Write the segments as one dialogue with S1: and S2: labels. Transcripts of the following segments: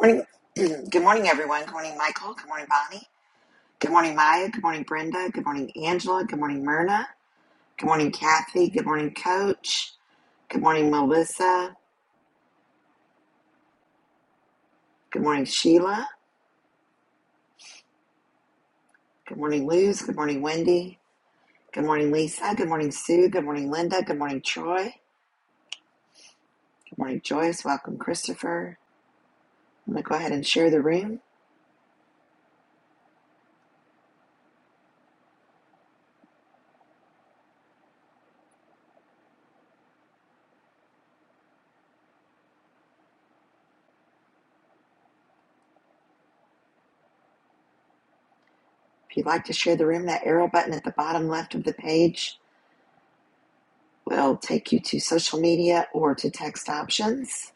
S1: Morning. Good morning, everyone. Good morning, Michael. Good morning, Bonnie. Good morning, Maya. Good morning, Brenda. Good morning, Angela. Good morning, Myrna. Good morning, Kathy. Good morning, Coach. Good morning, Melissa. Good morning, Sheila. Good morning, Luz. Good morning, Wendy. Good morning, Lisa. Good morning, Sue. Good morning, Linda. Good morning, Troy. Good morning, Joyce. Welcome, Christopher. I'm going to go ahead and share the room. If you'd like to share the room, that arrow button at the bottom left of the page We'll take you to social media or to text options.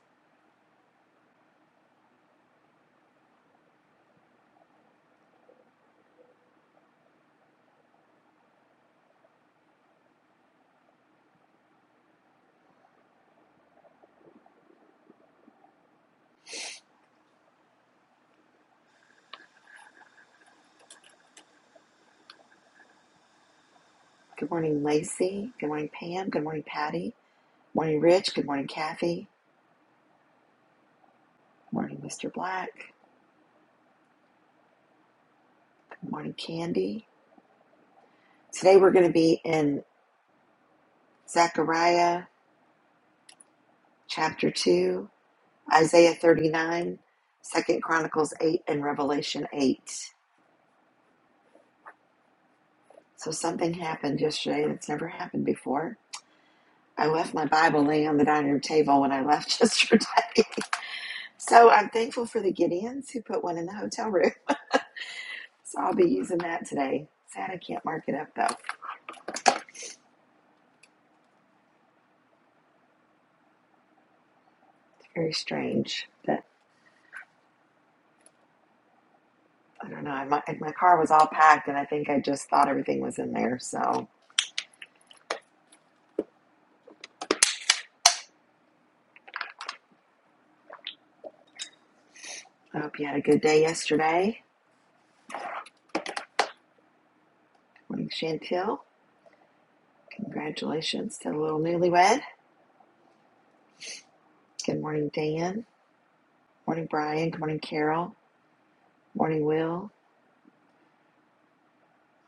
S1: Good morning, Lacey. Good morning, Pam. Good morning, Patty. Good Morning, Rich. Good morning, Kathy. Good Morning, Mr. Black. Good morning, Candy. Today we're going to be in Zechariah chapter 2, Isaiah 39, Second Chronicles 8, and Revelation 8. So something happened yesterday that's never happened before. I left my Bible laying on the dining room table when I left yesterday. So I'm thankful for the Gideons who put one in the hotel room. So I'll be using that today. Sad I can't mark it up though. It's very strange that I don't know. I, my, my car was all packed and I think I just thought everything was in there. So I hope you had a good day yesterday. Good morning, Chantel. Congratulations to the little newlywed. Good morning, Dan. Morning, Brian. Good morning, Carol. Morning, Will.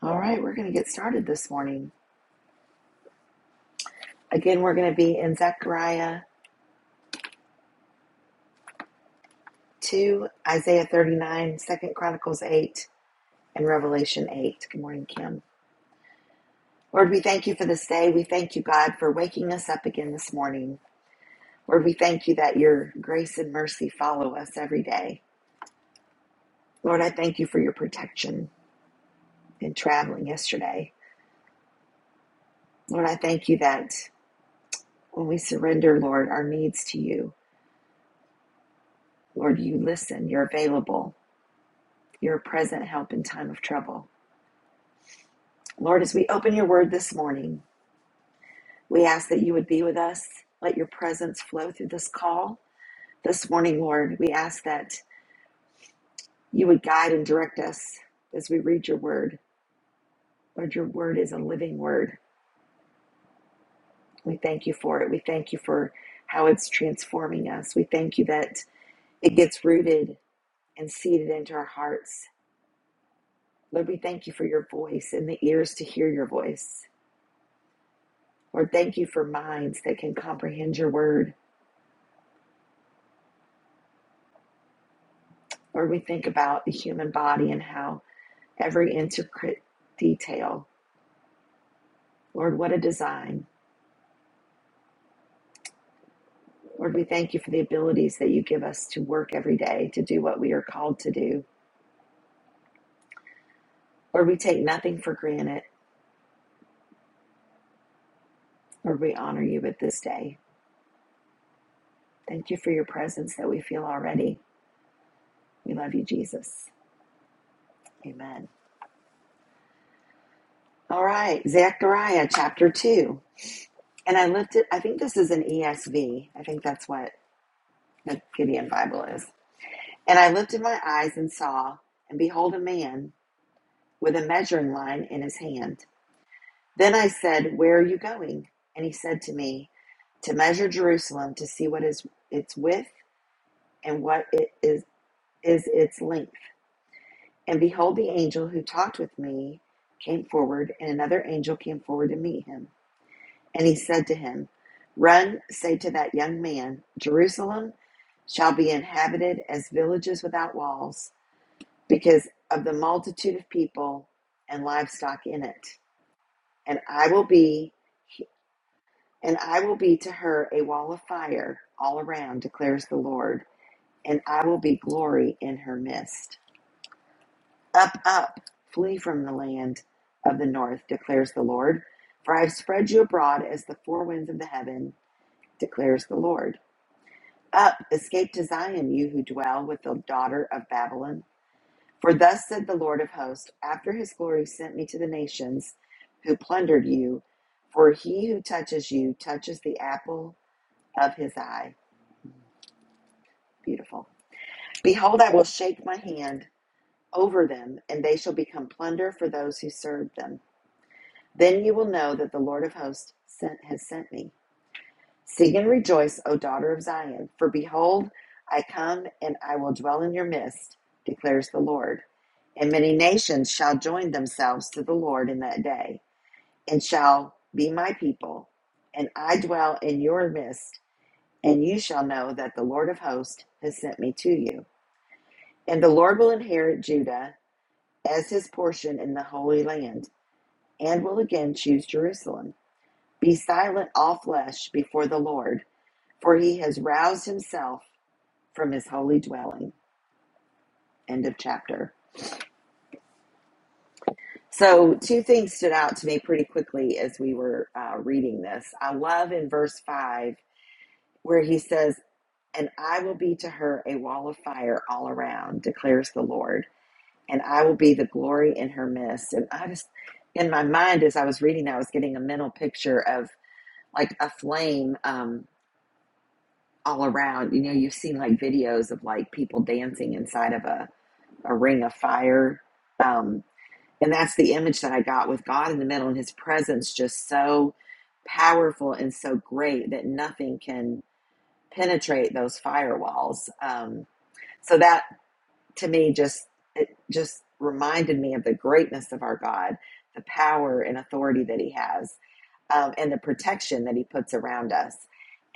S1: All right, we're going to get started this morning. Again, we're going to be in Zechariah 2, Isaiah 39, Second Chronicles 8, in Revelation 8. Good morning, Kim. Lord, we thank you for this day. We thank you, God, for waking us up again this morning. Lord, we thank you that your grace and mercy follow us every day. Lord, I thank you for your protection in traveling yesterday. Lord, I thank you that when we surrender, Lord, our needs to you, Lord, you listen, you're available, you're a present help in time of trouble. Lord, as we open your word this morning, we ask that you would be with us. Let your presence flow through this call this morning, Lord. We ask that You would guide and direct us as we read your word. Lord, your word is a living word. We thank you for it. We thank you for how it's transforming us. We thank you that it gets rooted and seeded into our hearts. Lord, we thank you for your voice and the ears to hear your voice. Lord, thank you for minds that can comprehend your word. Lord, we think about the human body and how every intricate detail, Lord, what a design. Lord, we thank you for the abilities that you give us to work every day, to do what we are called to do. Lord, we take nothing for granted. Lord, we honor you with this day. Thank you for your presence that we feel already. We love you, Jesus. Amen. All right, Zechariah chapter 2. And I lifted, I think this is an ESV. I think that's what the Gideon Bible is. And I lifted my eyes and saw, and behold, a man with a measuring line in his hand. Then I said, Where are you going? And he said to me, To measure Jerusalem to see what is its width and what it is, is its length. And behold, the angel who talked with me came forward, and another angel came forward to meet him. And he said to him, Run, say to that young man, Jerusalem shall be inhabited as villages without walls, because of the multitude of people and livestock in it. And I will be And I will be to her a wall of fire all around, declares the Lord, and I will be glory in her midst. Up, up, flee from the land of the north, declares the Lord, for I have spread you abroad as the four winds of the heaven, declares the Lord. Up, escape to Zion, you who dwell with the daughter of Babylon. For thus said the Lord of hosts, after his glory sent me to the nations who plundered you, for he who touches you touches the apple of his eye. Beautiful. Behold, I will shake my hand over them, and they shall become plunder for those who serve them. Then you will know that the Lord of hosts sent, has sent me. Sing and rejoice, O daughter of Zion, for behold, I come and I will dwell in your midst, declares the Lord. And many nations shall join themselves to the Lord in that day, and shall be my people, and I dwell in your midst, and you shall know that the Lord of hosts has sent me to you. And the Lord will inherit Judah as his portion in the Holy Land, and will again choose Jerusalem. Be silent, all flesh, before the Lord, for he has roused himself from his holy dwelling. End of chapter. So, two things stood out to me pretty quickly as we were uh, reading this. I love in verse 5 where he says, And I will be to her a wall of fire all around, declares the Lord and I will be the glory in her midst. And I just, in my mind, as I was reading that, I was getting a mental picture of like a flame um, all around. You know, you've seen like videos of like people dancing inside of a, a ring of fire. Um, and that's the image that I got with God in the middle and his presence just so powerful and so great that nothing can penetrate those firewalls. Um, so that to me just it just reminded me of the greatness of our God, the power and authority that He has, um, and the protection that He puts around us.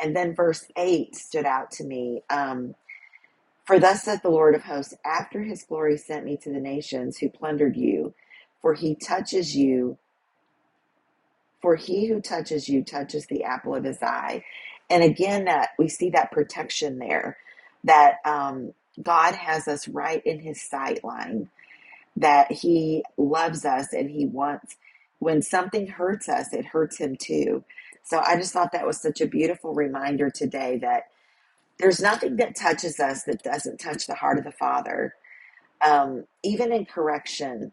S1: And then verse eight stood out to me. Um, for thus saith the Lord of hosts, after His glory sent me to the nations who plundered you, for He touches you. For he who touches you touches the apple of his eye, and again that we see that protection there, that um, God has us right in His sight line that he loves us and he wants when something hurts us it hurts him too so i just thought that was such a beautiful reminder today that there's nothing that touches us that doesn't touch the heart of the father um, even in correction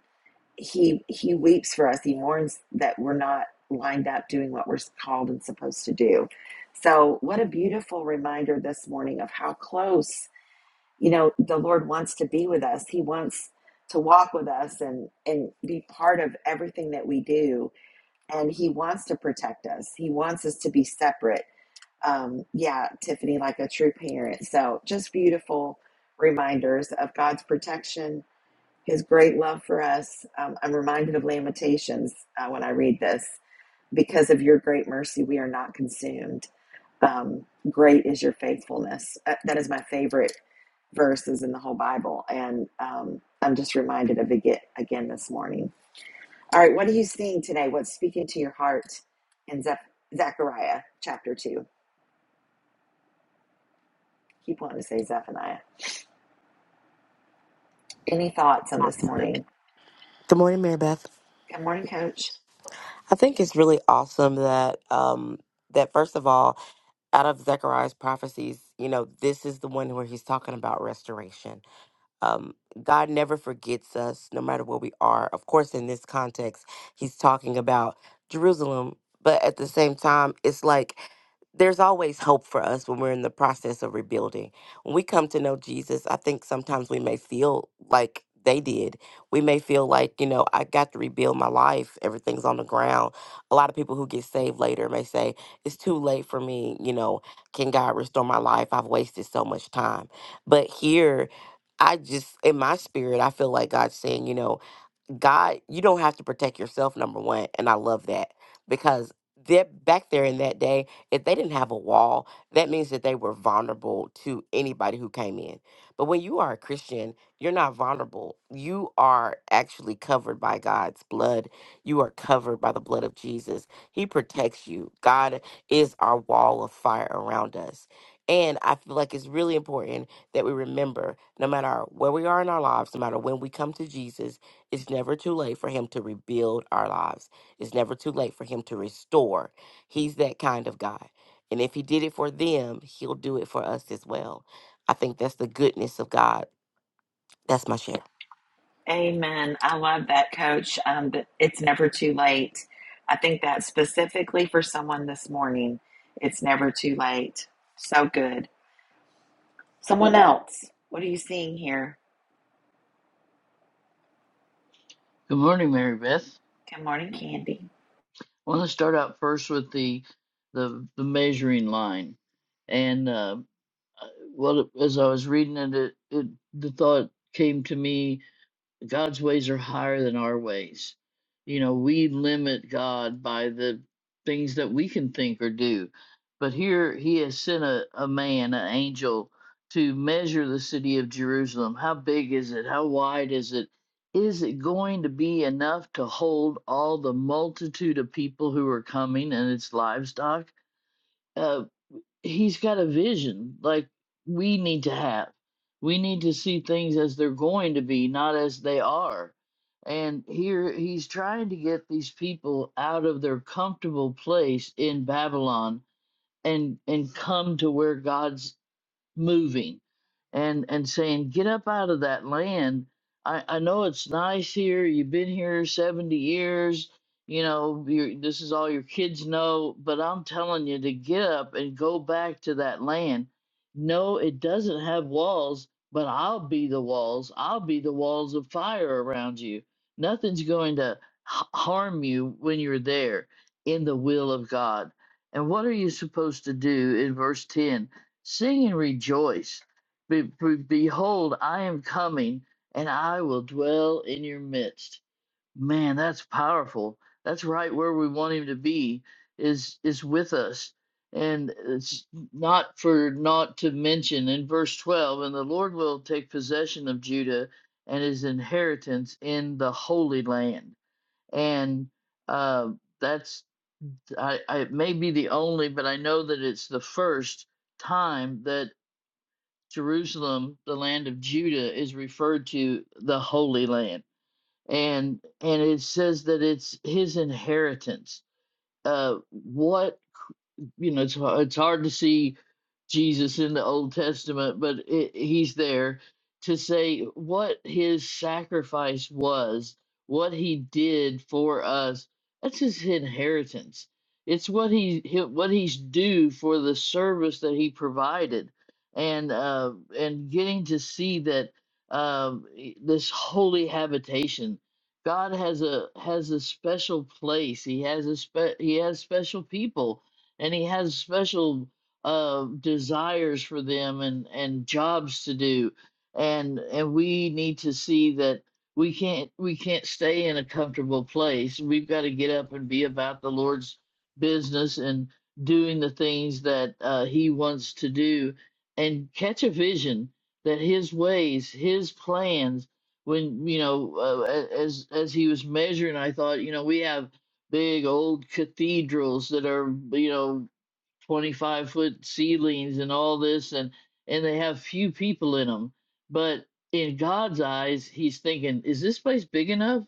S1: he he weeps for us he mourns that we're not lined up doing what we're called and supposed to do so what a beautiful reminder this morning of how close you know the lord wants to be with us he wants to walk with us and and be part of everything that we do and he wants to protect us he wants us to be separate um yeah tiffany like a true parent so just beautiful reminders of god's protection his great love for us um, i'm reminded of lamentations uh, when i read this because of your great mercy we are not consumed um, great is your faithfulness Uh, that is my favorite verses in the whole Bible. And um, I'm just reminded of it ge- again this morning. All right, what are you seeing today? What's speaking to your heart in Zep- Zechariah chapter 2? Keep wanting to say Zephaniah. Any thoughts on this morning?
S2: Good morning, Mary Beth.
S1: Good morning, coach.
S2: I think it's really awesome that um that first of all, out of Zechariah's prophecies, you know, this is the one where he's talking about restoration um, God never forgets us, no matter where we are. Of course, in this context, he's talking about Jerusalem, but at the same time, it's like there's always hope for us when we're in the process of rebuilding. When we come to know Jesus, I think sometimes we may feel like they did. We may feel like, you know, I got to rebuild my life. Everything's on the ground. A lot of people who get saved later may say, it's too late for me. You know, can God restore my life? I've wasted so much time. But here, I just, in my spirit, I feel like God's saying, you know, God, you don't have to protect yourself, number one. And I love that because they're back there in that day, if they didn't have a wall, that means that they were vulnerable to anybody who came in. But when you are a Christian, you're not vulnerable. You are actually covered by God's blood. You are covered by the blood of Jesus. He protects you. God is our wall of fire around us. And I feel like it's really important that we remember no matter where we are in our lives, no matter when we come to Jesus, it's never too late for him to rebuild our lives. It's never too late for him to restore. He's that kind of God. And if he did it for them, he'll do it for us as well. I think that's the goodness of God. That's my share.
S1: Amen. I love that, coach. Um, but it's never too late. I think that specifically for someone this morning, it's never too late. So good. Someone else, what are you seeing here?
S3: Good morning, Mary Beth.
S1: Good morning, Candy.
S3: I want to start out first with the the, the measuring line, and uh, uh, what as I was reading it, it, it the thought came to me God's ways are higher than our ways. You know, we limit God by the things that we can think or do. But here he has sent a, a man, an angel, to measure the city of Jerusalem. How big is it? How wide is it? Is it going to be enough to hold all the multitude of people who are coming and its livestock? Uh, he's got a vision like we need to have. We need to see things as they're going to be, not as they are. And here he's trying to get these people out of their comfortable place in Babylon and and come to where God's moving and and saying get up out of that land i i know it's nice here you've been here 70 years you know you this is all your kids know but i'm telling you to get up and go back to that land no it doesn't have walls but i'll be the walls i'll be the walls of fire around you nothing's going to h- harm you when you're there in the will of god and what are you supposed to do in verse 10 Sing and rejoice. Be- be- behold, I am coming and I will dwell in your midst. Man, that's powerful. That's right where we want him to be is is with us. And it's not for not to mention in verse 12, and the Lord will take possession of Judah and his inheritance in the Holy Land. And uh, that's, I, I, it may be the only, but I know that it's the first time that Jerusalem, the land of Judah, is referred to the Holy Land, and and it says that it's his inheritance. Uh, what you know, it's har- it's hard to see Jesus in the Old Testament, but it, he's there to say what his sacrifice was, what he did for us. That's his inheritance. It's what he he- what he's due for the service that he provided, and uh, and getting to see that um, i- this holy habitation. God has a has a special place. He has a spe- he has special people and he has special uh desires for them and and jobs to do and and we need to see that we can't we can't stay in a comfortable place we've got to get up and be about the lord's business and doing the things that uh, he wants to do and catch a vision that his ways his plans when you know uh, as as he was measuring i thought you know we have big old cathedrals that are you know 25 foot ceilings and all this and and they have few people in them but in god's eyes he's thinking is this place big enough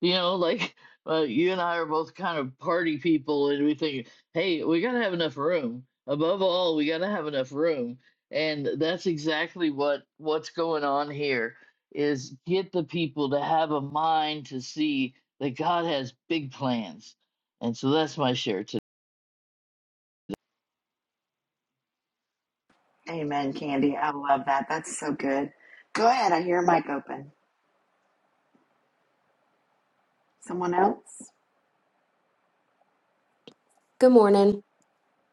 S3: you know like uh, you and i are both kind of party people and we think hey we gotta have enough room above all we gotta have enough room and that's exactly what what's going on here is get the people to have a mind to see that god has big plans and so that's my share today
S1: Amen, Candy. I love that. That's so good. Go ahead. I hear a mic open. Someone else?
S4: Good morning.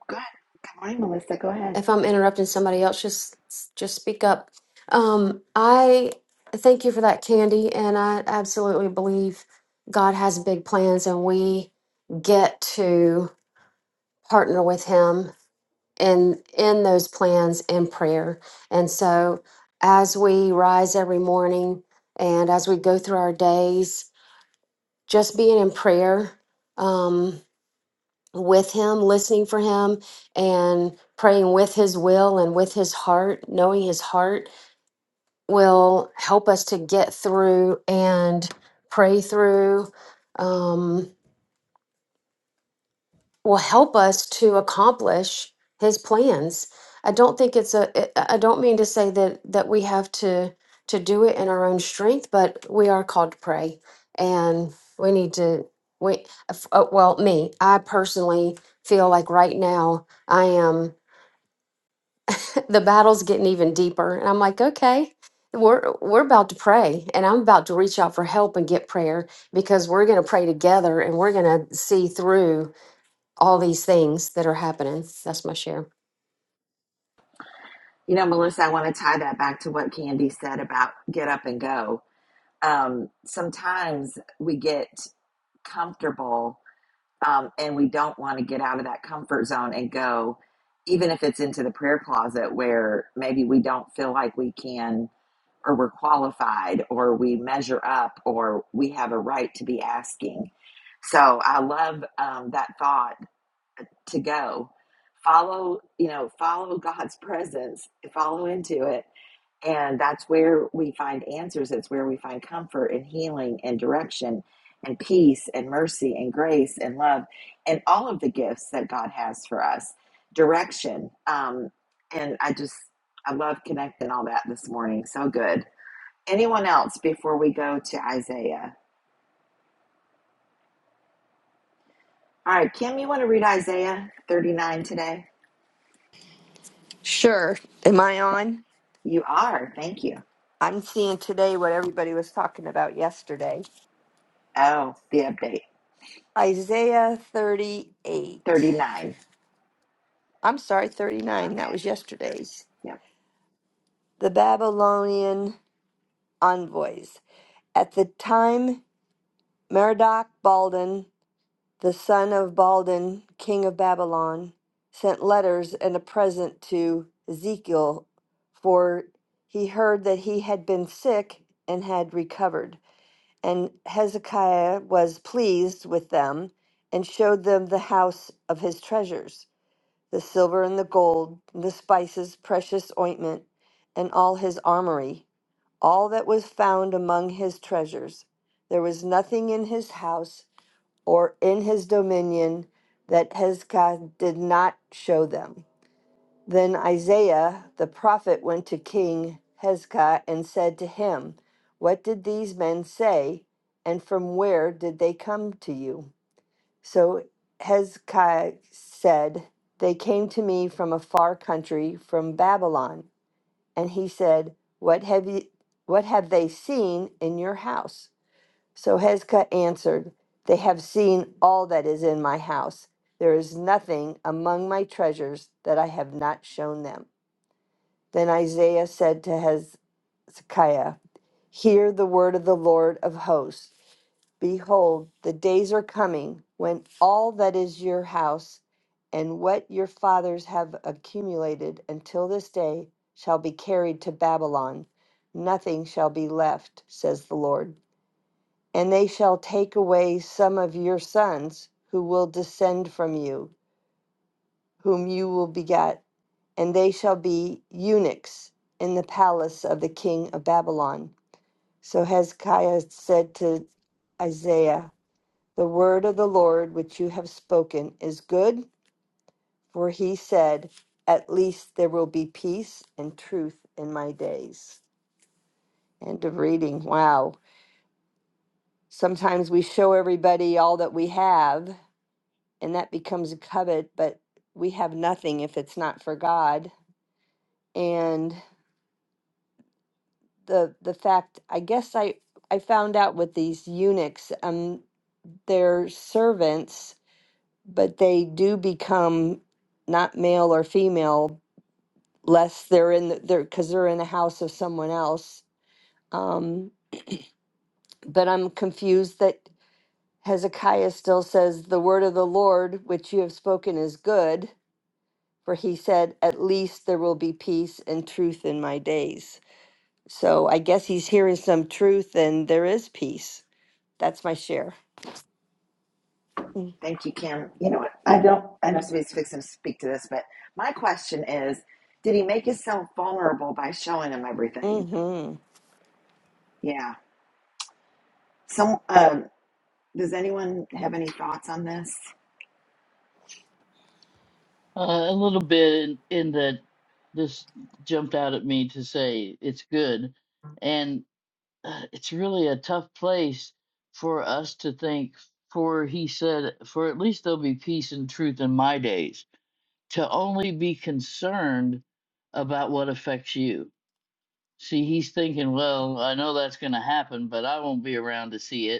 S1: Go ahead. Good morning, Melissa. Go ahead.
S4: If I'm interrupting somebody else, just just speak up. Um, I thank you for that, Candy, and I absolutely believe God has big plans, and we get to partner with Him in in those plans in prayer. And so, as we rise every morning and as we go through our days, just being in prayer. Um, with him, listening for him, and praying with his will and with his heart, knowing his heart will help us to get through and pray through, um, will help us to accomplish his plans. I don't think it's a, I I- I don't mean to say that, that we have to, to do it in our own strength, but we are called to pray and we need to, we, uh, f- uh, well, me, I personally feel like right now I am the battle's getting even deeper. And I'm like, okay, we're we're about to pray, and I'm about to reach out for help and get prayer because we're going to pray together, and we're going to see through all these things that are happening. That's my share.
S1: You know, Melissa, I want to tie that back to what Candy said about get up and go. Um, sometimes we get comfortable um, and we don't want to get out of that comfort zone and go, even if it's into the prayer closet where maybe we don't feel like we can or we're qualified or we measure up or we have a right to be asking. So I love um, that thought to go follow, you know, follow God's presence, follow into it. And that's where we find answers. It's where we find comfort and healing and direction and peace and mercy and grace and love and all of the gifts that God has for us. Direction. Um, and I just, I love connecting all that this morning. So good. Anyone else before we go to Isaiah? All right, Kim, you want to read Isaiah 39 today?
S5: Sure. Am I on?
S1: You are. Thank you.
S5: I'm seeing today what everybody was talking about yesterday.
S1: Oh, the update
S5: Isaiah 38.
S1: 39. Okay.
S5: I'm sorry, 39. That was yesterday's.
S1: Yep.
S5: The Babylonian envoys. At the time, Merodach Baldin, the son of Baldin, king of Babylon, sent letters and a present to Ezekiel, for he heard that he had been sick and had recovered. And Hezekiah was pleased with them and showed them the house of his treasures, the silver and the gold, and the spices, precious ointment, and all his armory, all that was found among his treasures. There was nothing in his house or in his dominion that Hezekiah did not show them. Then Isaiah the prophet went to King Hezekiah and said to him, What did these men say, and from where did they come to you? So Hezekiah said, They came to me from a far country, from Babylon. And he said, What have you what have they seen in your house? So Hezekiah answered, They have seen all that is in my house. There is nothing among my treasures that I have not shown them. Then Isaiah said to Hezekiah, Hear the word of the Lord of hosts. Behold, the days are coming when all that is your house and what your fathers have accumulated until this day shall be carried to Babylon. Nothing shall be left, says the Lord. And they shall take away some of your sons who will descend from you, whom you will beget and they shall be eunuchs in the palace of the king of Babylon. So Hezekiah said to Isaiah, The word of the Lord which you have spoken is good, for he said, At least there will be peace and truth in my days. End of reading. Wow. Sometimes we show everybody all that we have, and that becomes a covet, but we have nothing if it's not for God. And the the fact I guess I I found out with these eunuchs um they're servants but they do become not male or female less they're in the, they're because they're in the house of someone else um but I'm confused that Hezekiah still says the word of the Lord which you have spoken is good for he said at least there will be peace and truth in my days so I guess he's hearing some truth and there is peace That's my share.
S1: Thank you, Kim. You know what? I don't, I know somebody's fixing to speak to this, but my question is did he make himself vulnerable by showing him everything?
S5: Mm-hmm.
S1: Yeah. Some, um, does anyone have any thoughts on this?
S3: Uh, a little bit in, in that this jumped out at me to say it's good. And uh, it's really a tough place for us to think, for he said, for at least there'll be peace and truth in my days, to only be concerned about what affects you. See, he's thinking, well, I know that's going to happen, but I won't be around to see it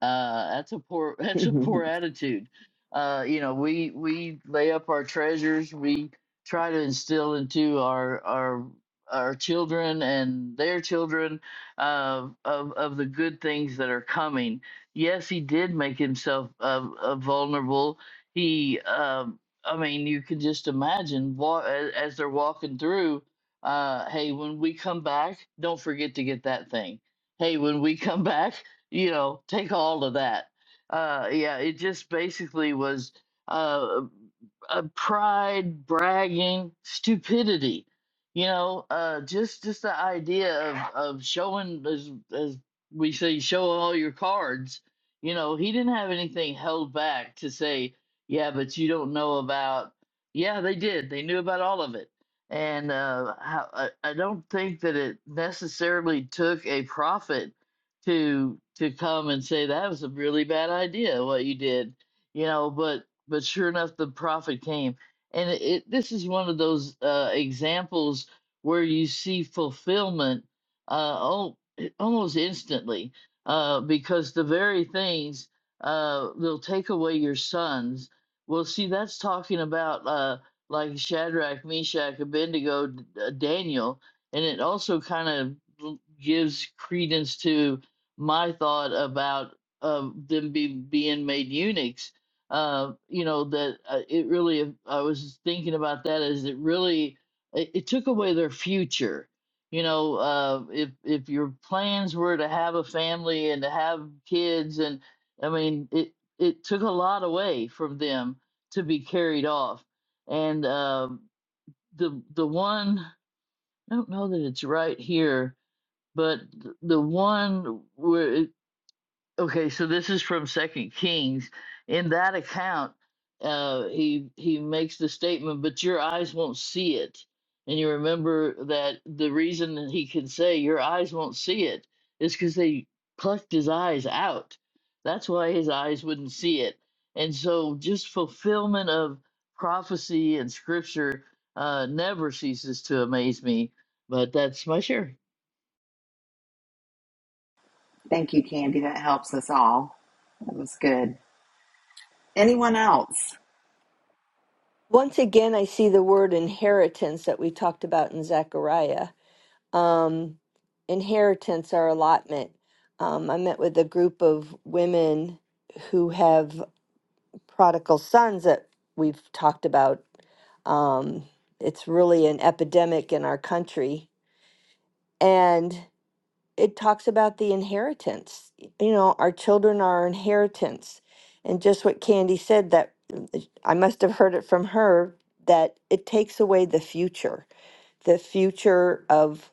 S3: uh, that's a poor that's a poor attitude. Uh, you know, we we lay up our treasures. We try to instill into our our our children and their children uh, of of the good things that are coming. Yes, he did make himself uh, uh, vulnerable. He, um, I mean, you can just imagine wa- as, as they're walking through. Uh, hey, when we come back, don't forget to get that thing hey, when we come back, you know, take all of that. Uh, yeah, it just basically was uh, a pride, bragging, stupidity. You know, uh, just just the idea of of showing as as we say, show all your cards. You know, he didn't have anything held back to say, yeah, but you don't know about. Yeah, they did. They knew about all of it. And uh, how, I, I don't think that it necessarily took a prophet to to come and say that was a really bad idea what you did you know but but sure enough the prophet came and it, it this is one of those uh examples where you see fulfillment uh al- eh, almost instantly uh because the very things uh they'll take away your sons well see that's talking about uh like Shadrach Meshach Abednego D- uh, Daniel and it also kind of gives credence to my thought about uh, them be, being made eunuchs. Uh, you know that uh, it really. uh, I was thinking about that. Is it really? It, it took away their future. You know, uh, if if your plans were to have a family and to have kids, and I mean, it it took a lot away from them to be carried off. And uh, the the one I don't know that it's right here but th- the one where Okay, so this is from Second Kings. In that account, uh, he he makes the statement, "But your eyes won't see it." And you remember that the reason that he could say your eyes won't see it is because they plucked his eyes out. That's why his eyes wouldn't see it. And so, just fulfillment of prophecy and scripture uh, never ceases to amaze me. But that's my share.
S1: Thank you, Candy. That helps us all. That was good. Anyone else?
S5: Once again, I see the word inheritance that we talked about in Zechariah. Um, inheritance our allotment. Um, I met with a group of women who have prodigal sons that we've talked about. Um, it's really an epidemic in our country. and. it talks about the inheritance. You know, our children are our inheritance. And just what Candy said that I must have heard it from her that it takes away the future, the future of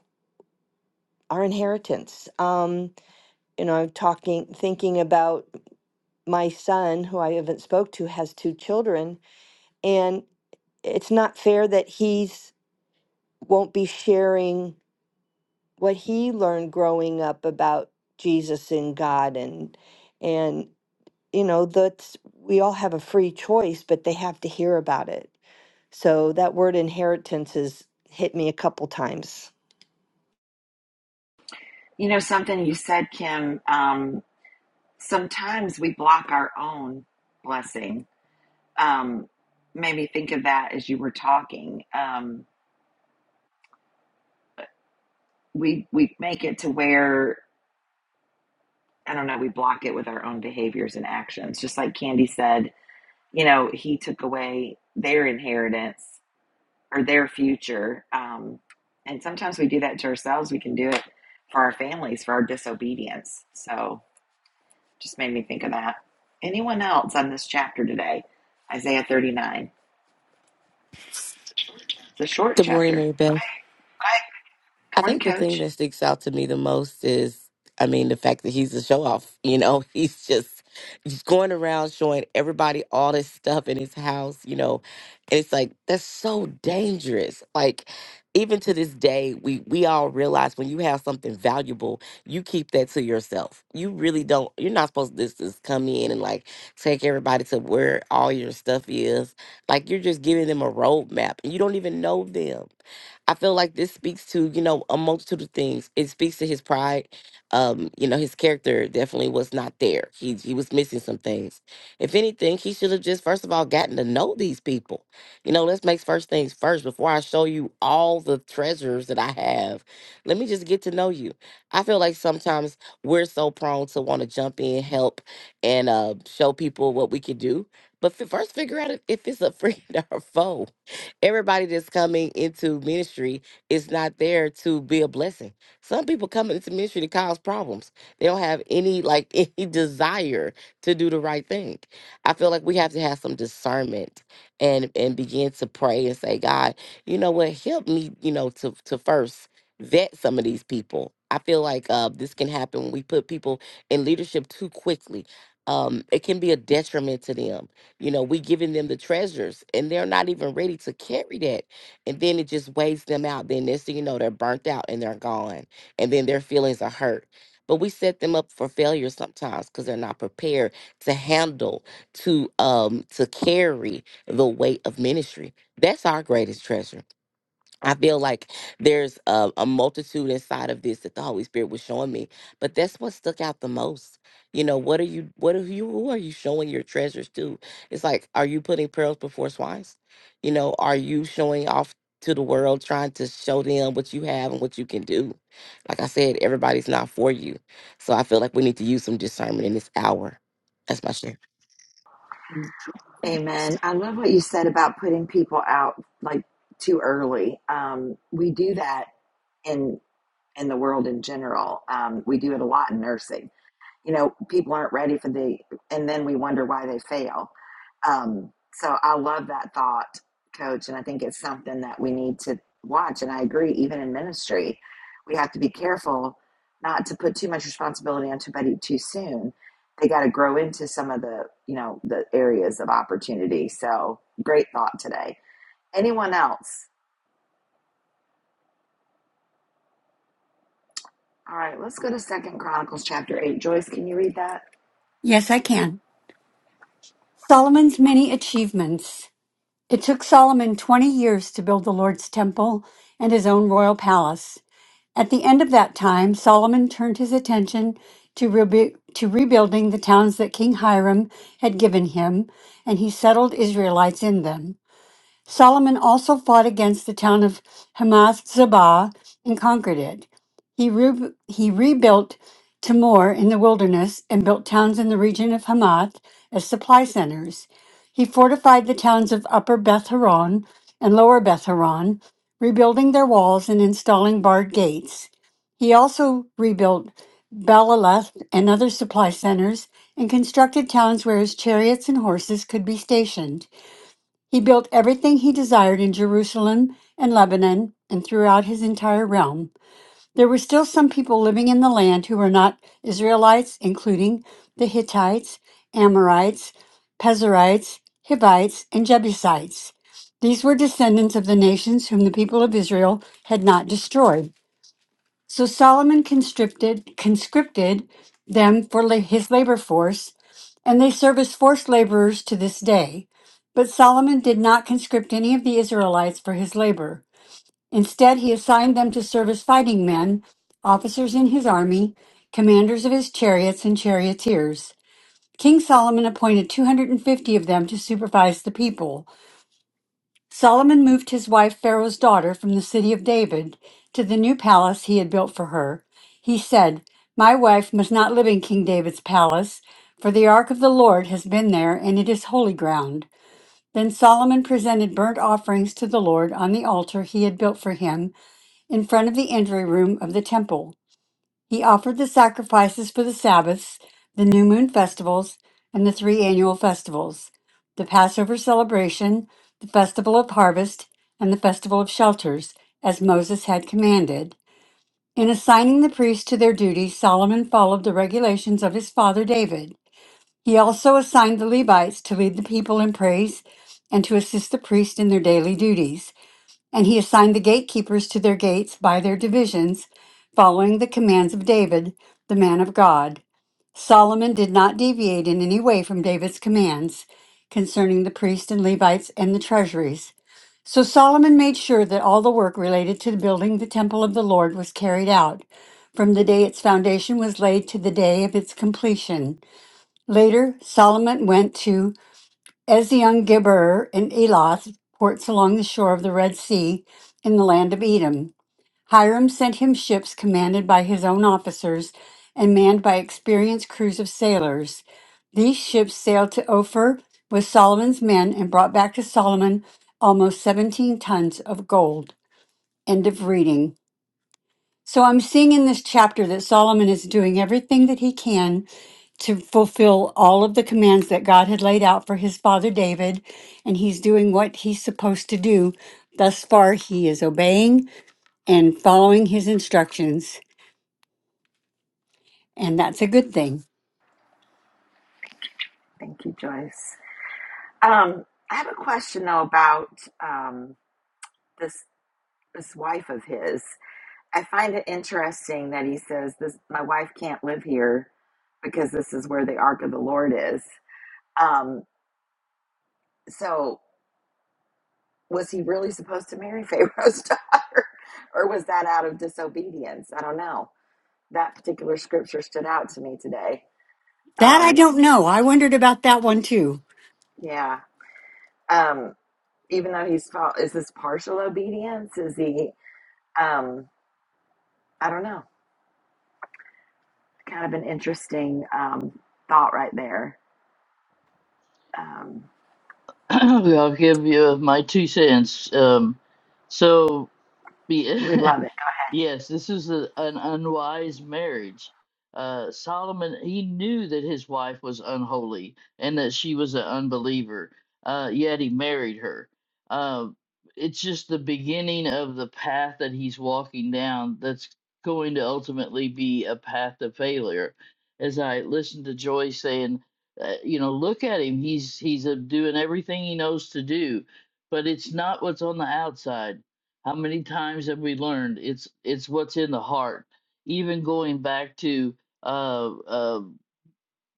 S5: our inheritance. Um, you know, I'm talking thinking about my son who I haven't spoke to has two children and it's not fair that he's won't be sharing what he learned growing up about Jesus and God and and you know, that's we all have a free choice, but they have to hear about it. So that word inheritance has hit me a couple times.
S1: You know, something you said, Kim. um, sometimes we block our own blessing. Um, made me think of that as you were talking. Um, we we make it to where I don't know. We block it with our own behaviors and actions. Just like Candy said, you know, he took away their inheritance or their future. Um, and sometimes we do that to ourselves. We can do it for our families for our disobedience. So just made me think of that. Anyone else on this chapter today? Isaiah 39. It's a short
S2: Good morning,
S1: chapter.
S2: Mary Beth.
S1: Hi. Good
S2: I
S1: morning,
S2: think the thing
S1: Coach.
S2: that sticks out to me the most is, I mean, the fact that he's a show off. You know, he's just he's going around showing everybody all this stuff in his house. You know, and it's like that's so dangerous. Like even to this day, we we all realize when you have something valuable, you keep that to yourself. You really don't. You're not supposed to just, just come in and like take everybody to where all your stuff is. Like you're just giving them a roadmap, and you don't even know them I feel like this speaks to, you know, a multitude of things. It speaks to his pride. Um, you know, his character definitely was not there. He he was missing some things. If anything, he should have just first of all gotten to know these people. You know, let's make first things first before I show you all the treasures that I have. Let me just get to know you. I feel like sometimes we're so prone to want to jump in, help, and uh show people what we can do. But fi- first figure out if if it's a friend or a foe Everybody that's coming into ministry is not there to be a blessing. Some people come into ministry to cause problems. They don't have any like any desire to do the right thing. I feel like we have to have some discernment and and begin to pray and say, God, you know what, help me, you know, to to first vet some of these people. I feel like uh, this can happen when we put people in leadership too quickly. Um, it can be a detriment to them you know, we giving them the treasures and they're not even ready to carry that. And then it just weighs them out. Then next thing you know, they're burnt out and they're gone. And then their feelings are hurt. But we set them up for failure sometimes because they're not prepared to handle, to um, to carry the weight of ministry. That's our greatest treasure I feel like there's a, a multitude inside of this that the Holy Spirit was showing me, but that's what stuck out the most. You know, what are you, what are you, who are you showing your treasures to? It's like, are you putting pearls before swines? You know, are you showing off to the world, trying to show them what you have and what you can do? Like I said, everybody's not for you. So I feel like we need to use some discernment in this hour. That's my share.
S1: Amen. I love what you said about putting people out like too early. Um, we do that in in the world in general. Um, we do it a lot in nursing. you know people aren't ready for the and then we wonder why they fail um, so i love that thought coach and i think it's something that we need to watch and i agree even in ministry we have to be careful not to put too much responsibility on somebody too soon they got to grow into some of the you know the areas of opportunity so great thought today anyone else all right let's go to second chronicles chapter 8 joyce can you read that
S6: Yes, I can. Solomon's many achievements. It took Solomon 20 years to build the Lord's temple and his own royal palace. At the end of that time, Solomon turned his attention to, rebu- to rebuilding the towns that King Hiram had given him, and he settled Israelites in them. Solomon also fought against the town of Hamath Zobah and conquered it. He, re- he rebuilt Timor in the wilderness and built towns in the region of Hamath as supply centers. He fortified the towns of Upper Beth Horon and Lower Beth Horon, rebuilding their walls and installing barred gates. He also rebuilt Baalath and other supply centers and constructed towns where his chariots and horses could be stationed. He built everything he desired in Jerusalem and Lebanon and throughout his entire realm. There were still some people living in the land who were not Israelites, including the Hittites, Amorites, Pezerites, Hivites, and Jebusites. These were descendants of the nations whom the people of Israel had not destroyed. So Solomon conscripted conscripted them for la- his labor force, and they serve as forced laborers to this day. But Solomon did not conscript any of the Israelites for his labor. Instead, he assigned them to serve as fighting men, officers in his army, commanders of his chariots, and charioteers. King Solomon appointed 250 of them to supervise the people. Solomon moved his wife Pharaoh's daughter from the city of David to the new palace he had built for her. He said, My wife must not live in King David's palace, for the ark of the Lord has been there, and it is holy ground. Then Solomon presented burnt offerings to the Lord on the altar he had built for him in front of the entry room of the temple. He offered the sacrifices for the Sabbaths, the new moon festivals, and the three annual festivals the Passover celebration, the festival of harvest, and the festival of shelters, as Moses had commanded. In assigning the priests to their duties, Solomon followed the regulations of his father David. He also assigned the Levites to lead the people in praise and to assist the priests in their daily duties. And he assigned the gatekeepers to their gates by their divisions, following the commands of David, the man of God. Solomon did not deviate in any way from David's commands concerning the priests and Levites and the treasuries. So Solomon made sure that all the work related to building the temple of the Lord was carried out, from the day its foundation was laid to the day of its completion. Later, Solomon went to as the young Gibber and Eloth ports along the shore of the Red Sea in the land of Edom, Hiram sent him ships commanded by his own officers and manned by experienced crews of sailors. These ships sailed to Ophir with Solomon's men and brought back to Solomon almost 17 tons of gold. End of reading. So I'm seeing in this chapter that Solomon is doing everything that he can to fulfill all of the commands that God had laid out for his father David, and he's doing what he's supposed to do. Thus far, he is obeying and following his instructions, and that's a good thing.
S1: thank you joyce Um, I have a question though about um, this this wife of his. I find it interesting that he says this. My wife can't live here because this is where the ark of the Lord is. Um, so was he really supposed to marry Pharaoh's daughter, or was that out of disobedience? I don't know. That particular scripture stood out to me today.
S6: That I
S1: Um,
S6: don't know. I wondered about that one too.
S1: yeah. Um, even though he's fal- is this partial obedience? Is he? Um, I don't know. Kind of an interesting um, thought right there. Um,
S3: I'll give you my two cents. Um, so
S1: we
S3: yeah.
S1: love it.
S3: Yes, this is a, an unwise marriage. Uh, Solomon, he knew that his wife was unholy and that she was an unbeliever, uh, yet he married her. Uh, it's just the beginning of the path that he's walking down that's going to ultimately be a path to failure. As I listened to Joy saying, uh, you know, look at him. He's he's uh, doing everything he knows to do, but it's not what's on the outside how many times have we learned it's it's what's in the heart even going back to uh, uh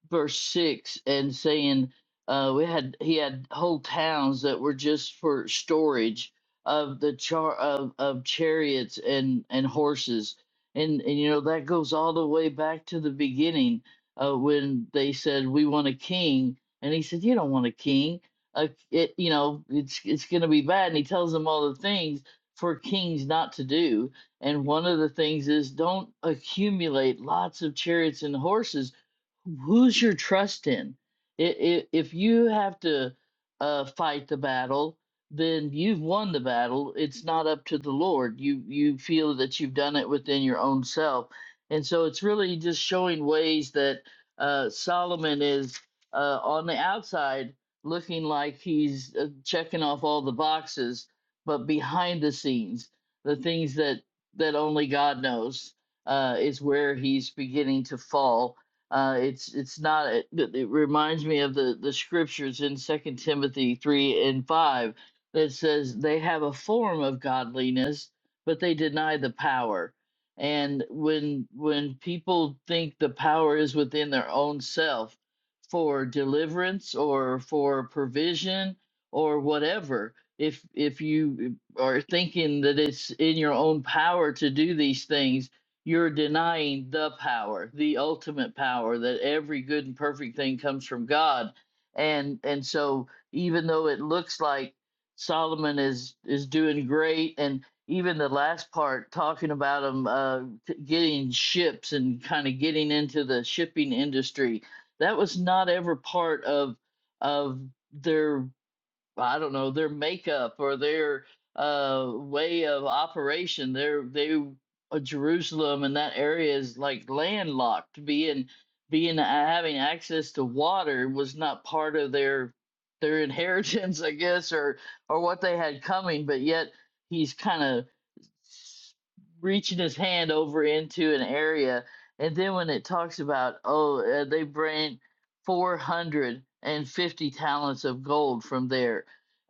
S3: verse 6 and saying uh we had he had whole towns that were just for storage of the char of, of chariots and and horses and and you know that goes all the way back to the beginning uh when they said we want a king and he said you don't want a king uh, it you know it's it's going to be bad and he tells them all the things for kings not to do and one of the things is don't accumulate lots of chariots and horses who's your trust in? If If you have to uh, fight the battle, then you've won the battle. It's not up to the Lord. You you feel that you've done it within your own self, and so it's really just showing ways that uh, Solomon is uh, on the outside looking like he's uh, checking off all the boxes, but behind the scenes, the things that that only God knows uh, is where he's beginning to fall uh, it's it's not. It, it it reminds me of the the scriptures in Second Timothy three and five that says they have a form of godliness, but they deny the power. And when when people think the power is within their own self for deliverance or for provision or whatever, if if you are thinking that it's in your own power to do these things you're denying the power the ultimate power that every good and perfect thing comes from god and and so even though it looks like solomon is is doing great and even the last part talking about him uh, getting ships and kind of getting into the shipping industry that was not ever part of of their I don't know, their makeup or their uh way of operation. They're they uh, Jerusalem and that area is like landlocked. Being being uh, having access to water was not part of their their inheritance, I guess, or or what they had coming, but yet he's kind of reaching his hand over into an area. And then when it talks about, oh, uh, they bring 450 talents of gold from there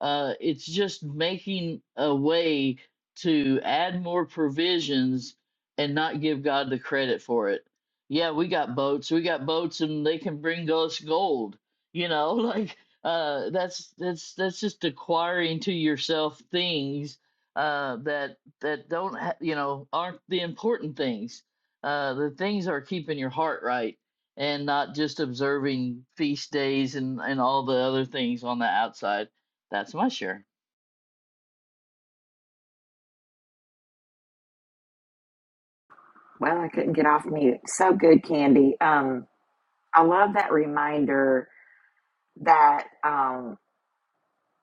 S3: uh, it's just making a way to add more provisions and not give God the credit for it. Yeah, we got boats. We got boats, and they can bring us gold. You know, like uh, that's that's that's just acquiring to yourself things uh, that that don't ha- you know aren't the important things. Uh, the things are keeping your heart right and not just observing feast days and and all the other things on the outside. That's my share.
S1: Well, I couldn't get off mute. So good, Candy. Um, I love that reminder that um,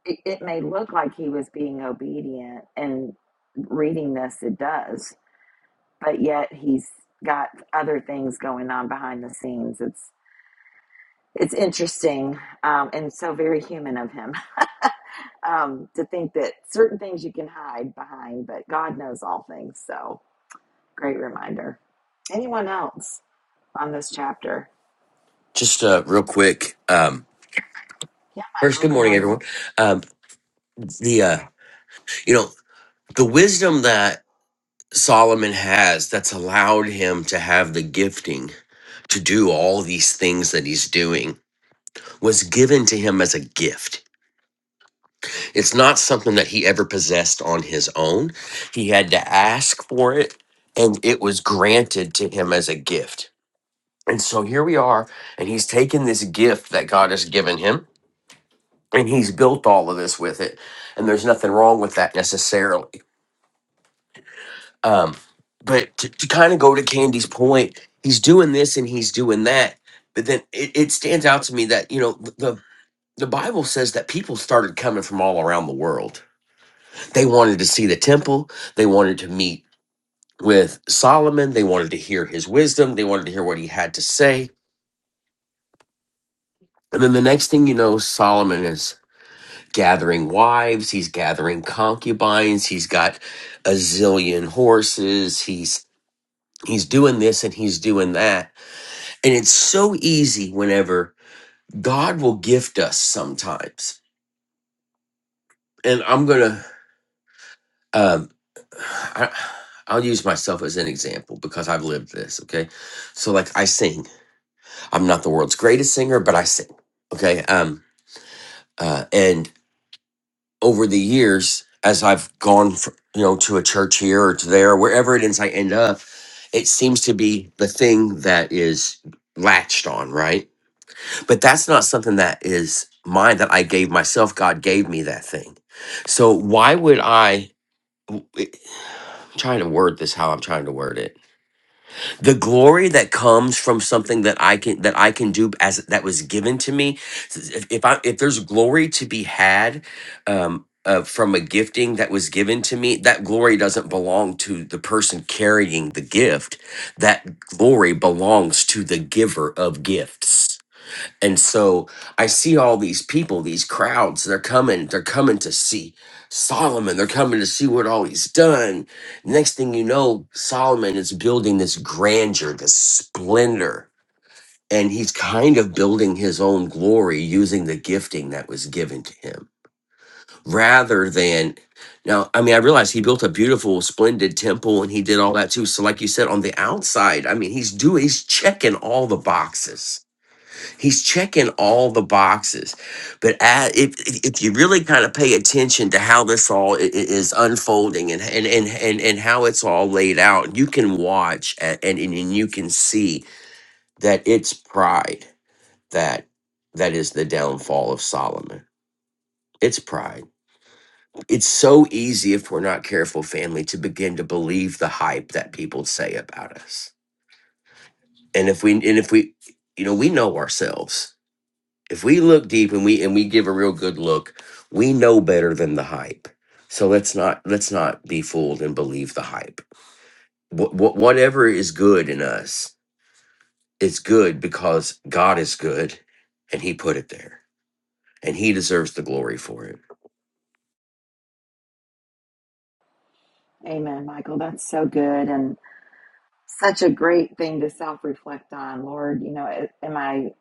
S1: it, it may look like he was being obedient, and reading this, it does. But yet, he's got other things going on behind the scenes. It's it's interesting um, and so very human of him um, to think that certain things you can hide behind, but God knows all things. So Great reminder. Anyone else on this chapter?
S7: Just uh, real quick. Um,
S1: Yeah,
S7: first,
S1: Michael,
S7: good
S1: good
S7: morning,
S1: morning.
S7: everyone. Um, the uh, you know the wisdom that Solomon has that's allowed him to have the gifting to do all these things that he's doing was given to him as a gift. It's not something that he ever possessed on his own. He had to ask for it, and it was granted to him as a gift. And so here we are, and he's taken this gift that God has given him and he's built all of this with it and there's nothing wrong with that necessarily um but to, to kind of go to candy's point he's doing this and he's doing that but then it, it stands out to me that you know the the bible says that people started coming from all around the world they wanted to see the temple they wanted to meet with solomon they wanted to hear his wisdom they wanted to hear what he had to say and then the next thing you know solomon is gathering wives, he's gathering concubines, he's got a zillion horses, he's he's doing this and he's doing that. And it's so easy whenever God will gift us sometimes. And I'm going to um I, I'll use myself as an example because I've lived this, okay? So like I sing. I'm not the world's greatest singer, but I sing. Okay? Um uh, and over the years as I've gone, fr you know, to a church here or to there, wherever it is I end up, it seems to be the thing that is latched on, right? But that's not something that is mine that I gave myself. God gave me that thing. So why would I eh, Trying to word this how I'm trying to word it? the glory that comes from something that I can that I can do as that was given to me. If, if I if there's glory to be had um, uh, from a gifting that was given to me, that glory doesn't belong to the person carrying the gift. That glory belongs to the giver of gifts and so I see all these people, these crowds, they're coming, they're coming to see Solomon. They're coming to see what all he's done. Next thing you know, Solomon is building this grandeur, this splendor, and he's kind of building his own glory using the gifting that was given to him rather than. Now, I mean, I realize he built a beautiful, splendid temple and he did all that too. So, like you said, on the outside, I mean, he's doing, he's checking all the boxes He's checking all the boxes, but a if if if you really kind of pay attention to how this all i- i- is unfolding and and and and, and how it's all laid out, you can watch a- and, and and you can see that it's pride that that is the downfall of Solomon. It's pride. It's so easy if we're not careful, family, to begin to believe the hype that people say about us, and if we and if we, you know, we know ourselves if we look deep and we and we give a real good look we know better than the hype so let's not let's not be fooled and believe the hype Wh- wh- whatever is good in us is good because god is good and he put it there and he deserves the glory for it
S1: Amen, Michael. That's so good and such a great thing to self reflect on. Lord, you know, am I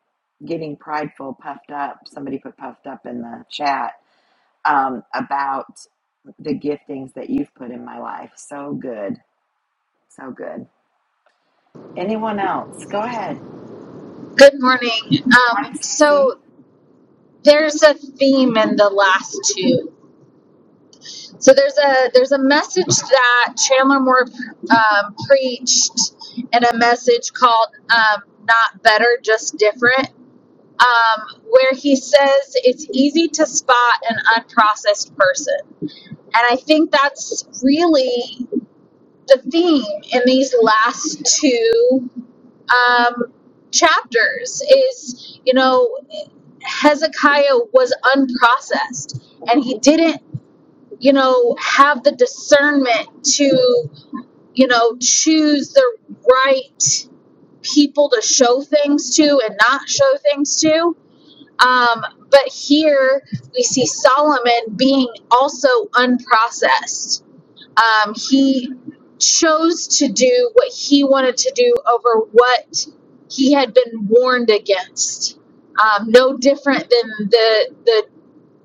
S1: getting prideful, puffed up? Somebody put puffed up in the chat um, about the giftings that you've put in my life. So good. So good. Anyone else? Go ahead.
S8: Good morning.
S1: Morning,
S8: Um,
S1: Cece.
S8: so there's a theme in the last two. So there's a there's a message that Chandler Moore um, preached, and a message called um, "Not Better, Just Different," um, where he says it's easy to spot an unprocessed person, and I think that's really the theme in these last two um, chapters is you know Hezekiah was unprocessed and he didn't, you know, have the discernment to, you know, choose the right people to show things to and not show things to. Um, but here we see Solomon being also unprocessed. Um, he chose to do what he wanted to do over what he had been warned against um, no different than the the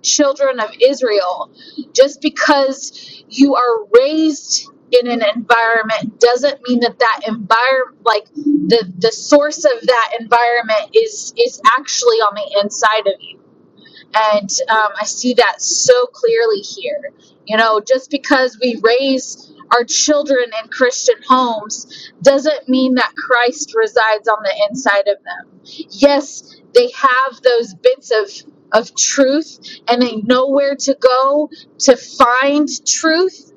S8: children of Israel. Just because you are raised in an environment doesn't mean that that environment, like the the source of that environment, is is actually on the inside of you and um, I see that so clearly here. You know, just because we raise our children in Christian homes doesn't mean that Christ resides on the inside of them. Yes, they have those bits of of truth and they know where to go to find truth,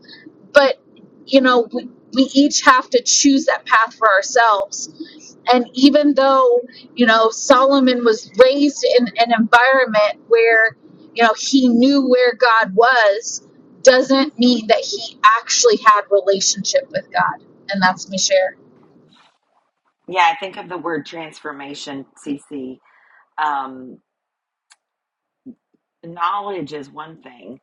S8: but you know, we, we each have to choose that path for ourselves and even though, you know, Solomon was raised in an environment where, you know, he knew where God was, doesn't mean that he actually had relationship with God. And that's me share.
S1: Yeah, I think of the word transformation, Cece. Um, Knowledge is one thing,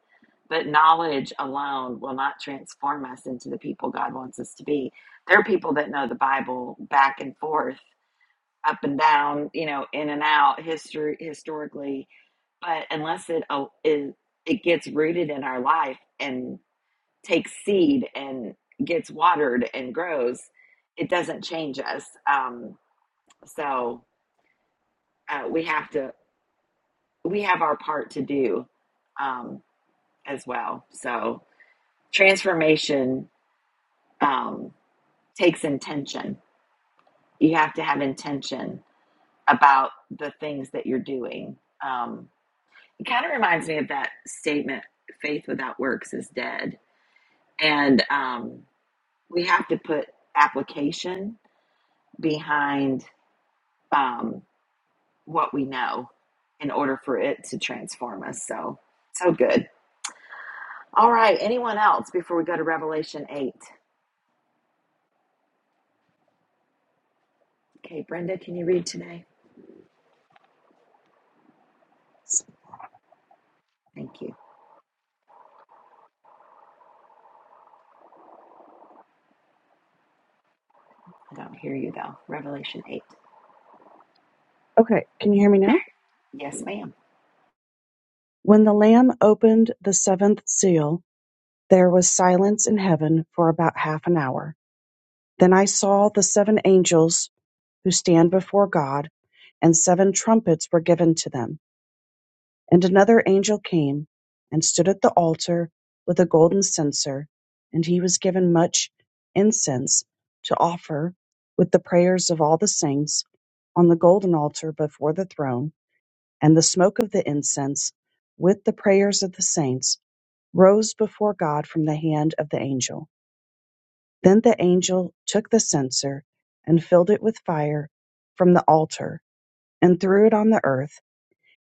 S1: but knowledge alone will not transform us into the people God wants us to be. There are people that know the Bible back and forth, up and down, you know, in and out, history historically, but unless it uh, is it gets rooted in our life and takes seed and gets watered and grows, it doesn't change us. Um, so uh, we have to we have our part to do um, as well. So transformation um, takes intention. You have to have intention about the things that you're doing. Um, it kind of reminds me of that statement faith without works is dead. And um, we have to put application behind um, what we know in order for it to transform us. So, so good. All right. Anyone else before we go to Revelation 8? Okay, Brenda, can you read today? Thank you. I don't hear you though. Revelation 8.
S9: Okay, can you hear me now?
S1: Yes, ma'am.
S9: When the Lamb opened the seventh seal, there was silence in heaven for about half an hour. Then I saw the seven angels who stand before God, and seven trumpets were given to them. And another angel came and stood at the altar with a golden censer, and he was given much incense to offer with the prayers of all the saints on the golden altar before the throne. and the smoke of the incense, with the prayers of the saints, rose before God from the hand of the angel. Then the angel took the censer and filled it with fire from the altar and threw it on the earth,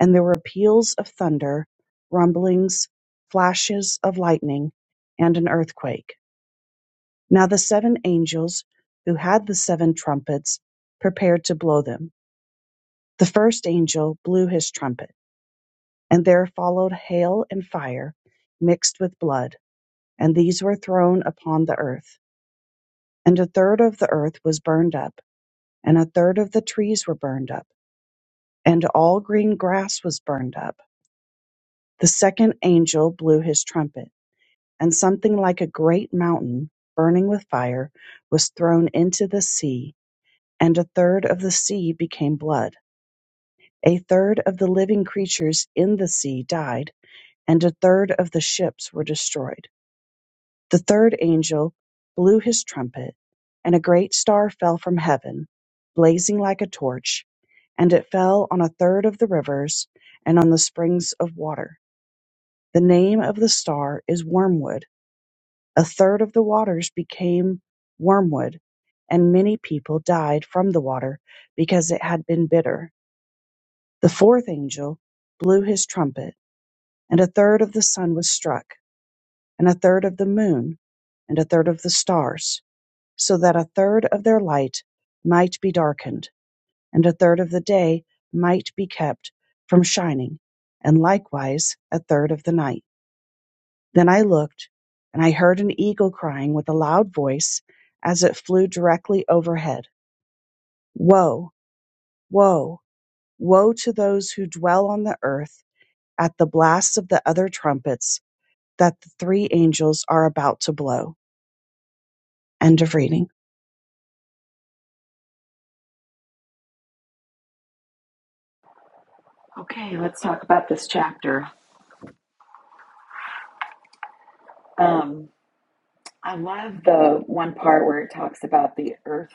S9: and there were peals of thunder, rumblings, flashes of lightning, and an earthquake. Now the seven angels who had the seven trumpets prepared to blow them. The first angel blew his trumpet And there followed hail and fire mixed with blood, and these were thrown upon the earth. And a third of the earth was burned up, and a third of the trees were burned up, and all green grass was burned up. The second angel blew his trumpet, and something like a great mountain, burning with fire, was thrown into the sea, and a third of the sea became blood. A third of the living creatures in the sea died, and a third of the ships were destroyed. The third angel blew his trumpet, and a great star fell from heaven, blazing like a torch, and it fell on a third of the rivers and on the springs of water. The name of the star is Wormwood. A third of the waters became wormwood, and many people died from the water because it had been bitter. The fourth angel blew his trumpet, and a third of the sun was struck, and a third of the moon, and a third of the stars so that a third of their light might be darkened, and a third of the day might be kept from shining, and likewise a third of the night. Then I looked, and I heard an eagle crying with a loud voice as it flew directly overhead Woe, woe, woe to those who dwell on the earth at the blast of the other trumpets that the three angels are about to blow. End of reading.
S1: Okay, let's talk about this chapter. Um, I love the one part where it talks about the earth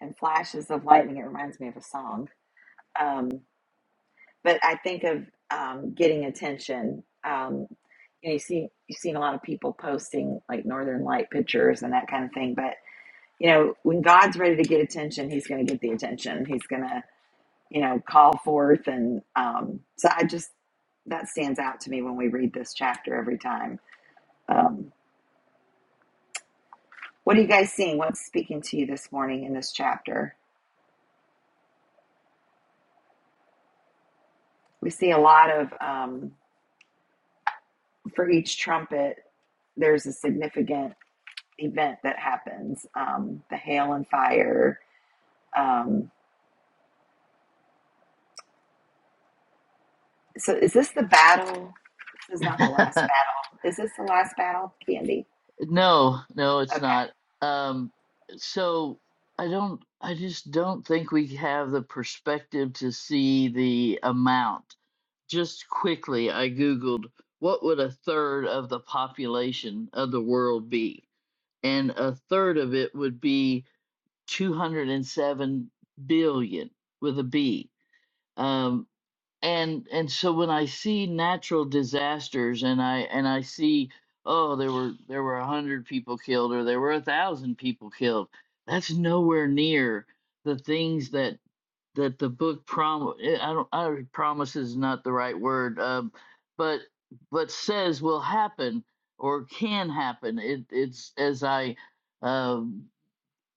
S1: and flashes of lightning. It reminds me of a song. Um, but I think of um, getting attention. Um, you know, you see, you've seen a lot of people posting like northern light pictures and that kind of thing. But you know, when God's ready to get attention, He's going to get the attention. He's going to you know, call forth. And um, so I just, that stands out to me when we read this chapter every time. Um, what are you guys seeing? What's speaking to you this morning in this chapter? We see a lot of, um, for each trumpet, there's a significant event that happens um, the hail and fire. Um, so is this the battle? This is not the last battle. Is this the last battle, Candy?
S3: No, no, it's
S1: Okay.
S3: not. Um, so I don't, I just don't think we have the perspective to see the amount. Just quickly, I Googled what would a third of the population of the world be? And a third of it would be 207 billion with a B. Um, and and so when I see natural disasters and I and I see oh there were there were a hundred people killed or there were a thousand people killed, that's nowhere near the things that that the book prom eh, I don't I promise is not the right word um but but says will happen or can happen it it's as I um,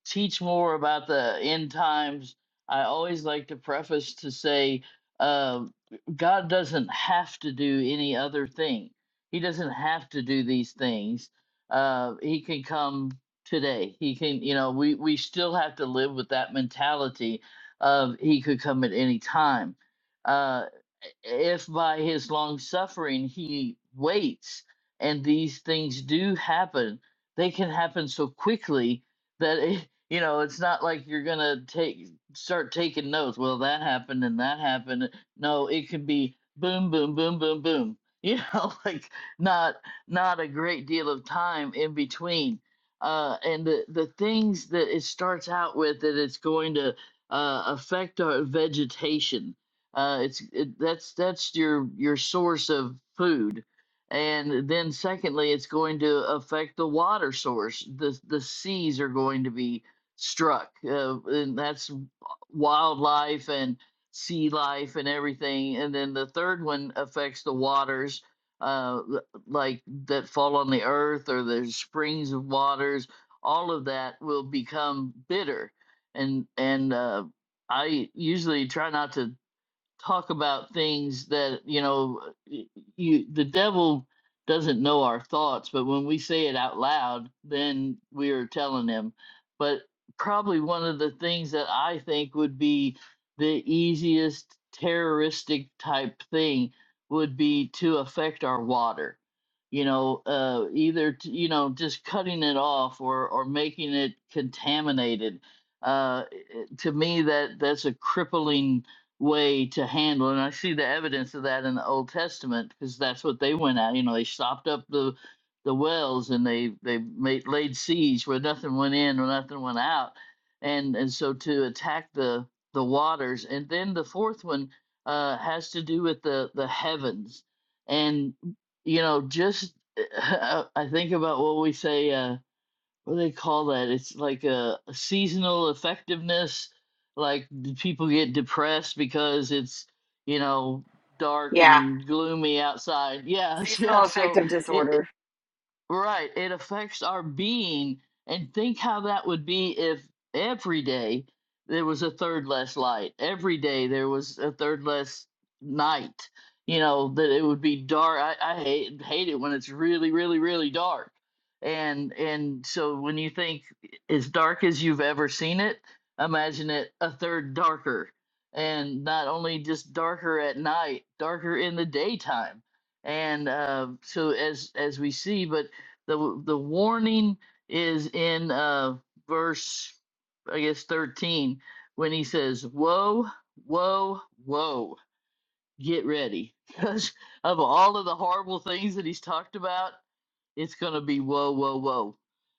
S3: teach more about the end times, I always like to preface to say, uh, God doesn't have to do any other thing. He doesn't have to do these things. Uh, he can come today. He can, you know, we we still have to live with that mentality of He could come at any time. Uh, if by his long suffering he waits and these things do happen they can happen so quickly that it, you know it's not like you're gonna take start taking notes well that happened and that happened no it could be boom boom boom boom boom you know like not not a great deal of time in between uh and the the things that it starts out with that it's going to uh affect our vegetation uh, it's it, that's that's your your source of food, and then secondly, it's going to affect the water source. the The seas are going to be struck, uh, and that's wildlife and sea life and everything. And then the third one affects the waters, uh, l- like that fall on the earth or the springs of waters. All of that will become bitter, and and uh, I usually try not to talk about things that you know you the devil doesn't know our thoughts but when we say it out loud then we are telling him but probably one of the things that i think would be the easiest terroristic type thing would be to affect our water you know uh either t- you know just cutting it off or or making it contaminated uh to me that that's a crippling way to handle and i see the evidence of that in the old testament because that's what they went at you know they stopped up the the wells and they they made laid siege where nothing went in or nothing went out and and so to attack the the waters and then the fourth one uh has to do with the the heavens and you know just i think about what we say Uh, what do they call that? It's like a, a seasonal effectiveness. Like the people get depressed because it's you know dark
S1: Yeah.
S3: and gloomy outside. Yes, yeah.
S1: Seasonal
S3: So
S1: affective
S3: it,
S1: disorder.
S3: Right. It affects our being. And think how that would be if every day there was a third less light, every day there was a third less night. You know, that it would be dark. I, I hate hate it when it's really, really, really dark. And and so when you think as dark as you've ever seen it, imagine it a third darker. And not only just darker at night, darker in the daytime and uh, so as as we see, but the the warning is in uh verse I guess 13 when he says, "Woe, woe, woe. Get ready." Because of all of the horrible things that he's talked about, it's going to be whoa, whoa, whoa.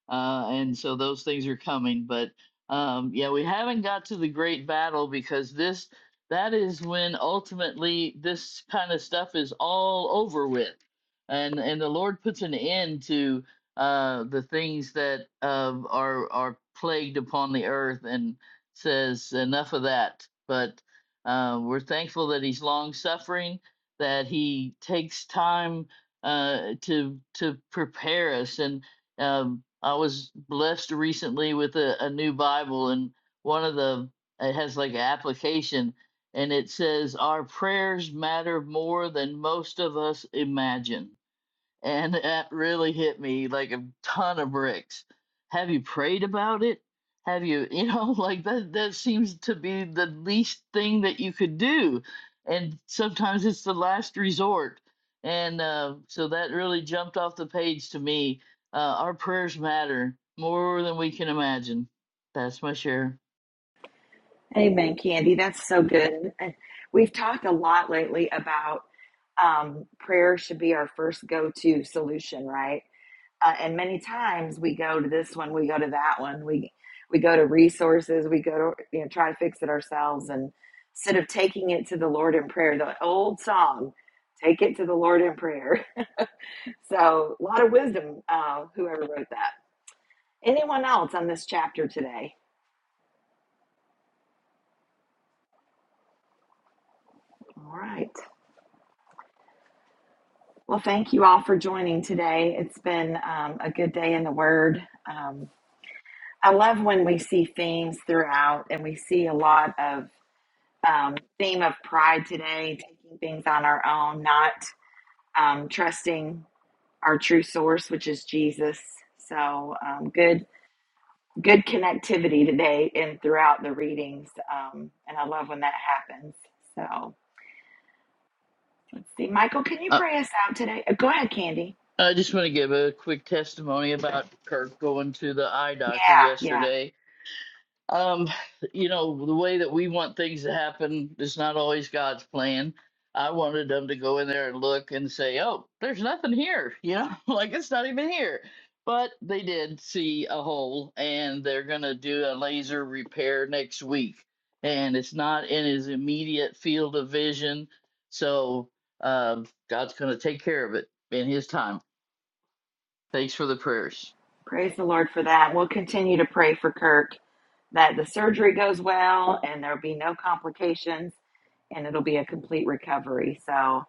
S3: Uh, and so those things are coming. But um, yeah, we haven't got to the great battle because this that is when ultimately this kind of stuff is all over with, and and the Lord puts an end to uh, the things that uh, are are plagued upon the earth and says enough of that. But uh, we're thankful that He's long suffering, that He takes time uh, to to prepare us. And um, I was blessed recently with a, a new Bible, and one of the it has like an application, and it says our prayers matter more than most of us imagine. And that really hit me like a ton of bricks. Have you prayed about it? Have you, you know, like that that seems to be the least thing that you could do. And sometimes it's the last resort. And uh, so that really jumped off the page to me. Uh, our prayers matter more than we can imagine. That's my share.
S1: Amen, Candy. That's so good. And We've talked a lot lately about um, prayer should be our first go to solution, right? Uh, and many times we go to this one, we go to that one, we we go to resources, we go to you know try to fix it ourselves, and instead of taking it to the Lord in prayer, the old song, "Take it to the Lord in prayer." so a lot of wisdom, uh, whoever wrote that. Anyone else on this chapter today? All right. Well, thank you all for joining today. It's been um, a good day in the Word. Um, I love when we see themes throughout, and we see a lot of um, theme of pride today, taking things on our own, not um, trusting our true source, which is Jesus. So um, good, good connectivity today and throughout the readings, um, and I love when that happens. So let's see, Michael, can you
S3: Uh,
S1: pray us out today? Uh, Go ahead, Candy.
S3: I just want to give a quick testimony about Kirk going to the eye
S1: Yeah,
S3: doctor
S1: yeah.
S3: yesterday um, you know, the way that we want things to happen is not always God's plan. I wanted them to go in there and look and say, oh, there's nothing here, you know, like it's not even here. But they did see a hole and they're going to do a laser repair next week. And it's not in his immediate field of vision. So um God's going to take care of it in his time. Thanks for the prayers.
S1: Praise the Lord for that. We'll continue to pray for Kirk that the surgery goes well and there'll be no complications and it'll be a complete recovery. So,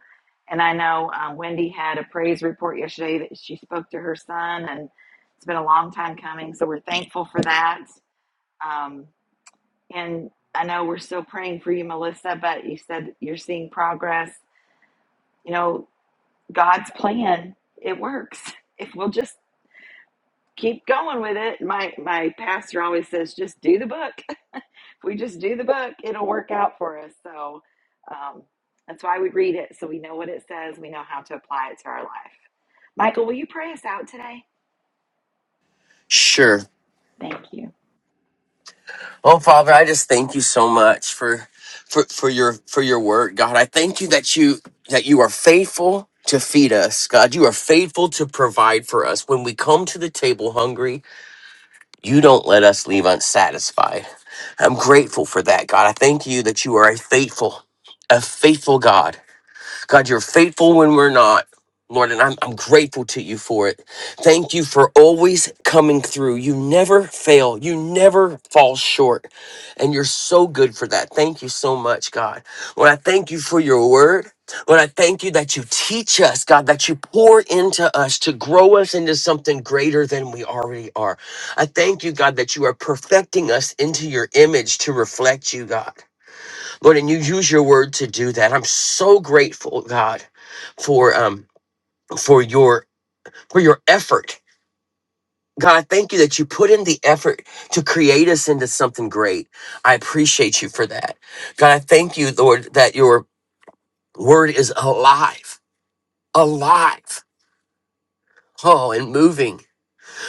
S1: and I know um, Wendy had a praise report yesterday that she spoke to her son, and it's been a long time coming. So we're thankful for that. Um, and I know we're still praying for you, Melissa, but you said you're seeing progress. You know, God's plan, it works. If we'll just keep going with it. My my pastor always says, just do the book. If we just do the book, it'll work out for us. So um, that's why we read it, so we know what it says. We know how to apply it to our life. Michael, will you pray us out today?
S7: sure
S1: Thank you.
S7: oh father i just thank you so much for for for your for your word god i thank you that you that you are faithful to feed us god you are faithful to provide for us when we come to the table hungry You don't let us leave unsatisfied. I'm grateful for that, God. I thank you that you are a faithful, a faithful God. God, you're faithful when we're not. Lord, and I'm, I'm grateful to you for it. Thank you for always coming through. You never fail, you never fall short. And you're so good for that. Thank you so much, God. Lord, I thank you for your word. Lord, I thank you that you teach us, God, that you pour into us to grow us into something greater than we already are. I thank you, God, that you are perfecting us into your image to reflect you, God. Lord, and you use your word to do that. I'm so grateful, God, for um for your for your effort. God, thank you that you put in the effort to create us into something great. I appreciate you for that. God, I thank you, Lord, that your word is alive, alive, oh, and moving.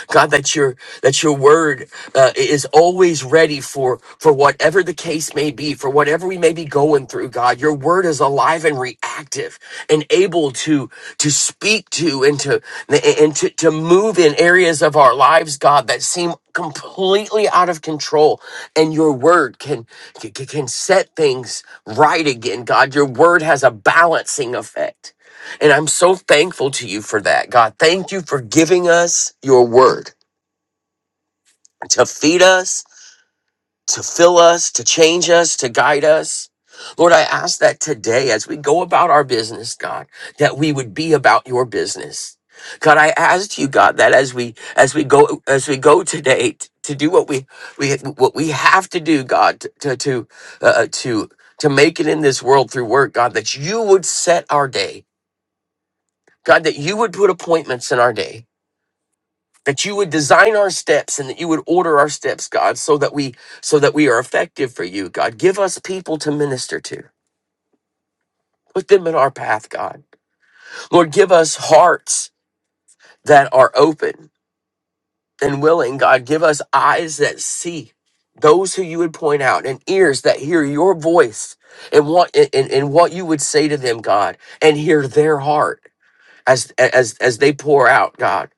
S7: God, that your that your word uh, is always ready for for whatever the case may be, for whatever we may be going through. God, your word is alive and reactive, and able to to speak to and to and to, to move in areas of our lives, God, that seem completely out of control. And your word can can, can set things right again. God, your word has a balancing effect, and I'm so thankful to you for that. God, thank you for giving us your word to feed us, to fill us, to change us, to guide us. Lord, I ask that today, as we go about our business, God, that we would be about your business. God, I ask you, God, that as we as we go as we go today t- to do what we we what we have to do, God, to to uh, uh, to to make it in this world through work, God, that you would set our day, God, that you would put appointments in our day, that you would design our steps and that you would order our steps god so that we so that we are effective for you god give us people to minister to put them in our path god lord give us hearts that are open and willing god give us eyes that see those who you would point out and ears that hear your voice and what and, and and what you would say to them god and hear their heart as as as they pour out god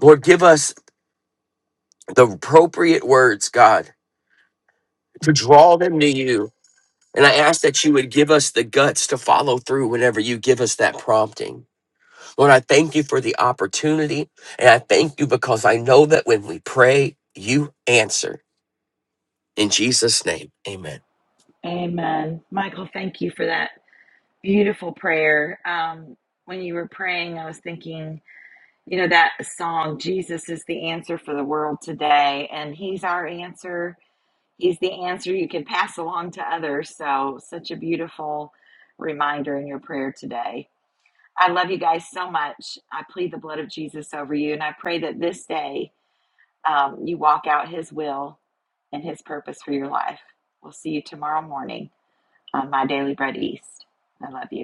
S7: lord give us the appropriate words god to draw them to you And I ask that you would give us the guts to follow through whenever you give us that prompting. Lord, I thank you for the opportunity. And I thank you because I know that when we pray, you answer. In Jesus' name, amen.
S1: Amen. Michael, thank you for that beautiful prayer. Um, when you were praying, I was thinking, you know, that song, Jesus is the answer for the world today, and He's our answer is the answer you can pass along to others. So, such a beautiful reminder in your prayer today. I love you guys so much. I plead the blood of Jesus over you, and I pray that this day um, you walk out His will and His purpose for your life. We'll see you tomorrow morning on My Daily Bread East. I love you.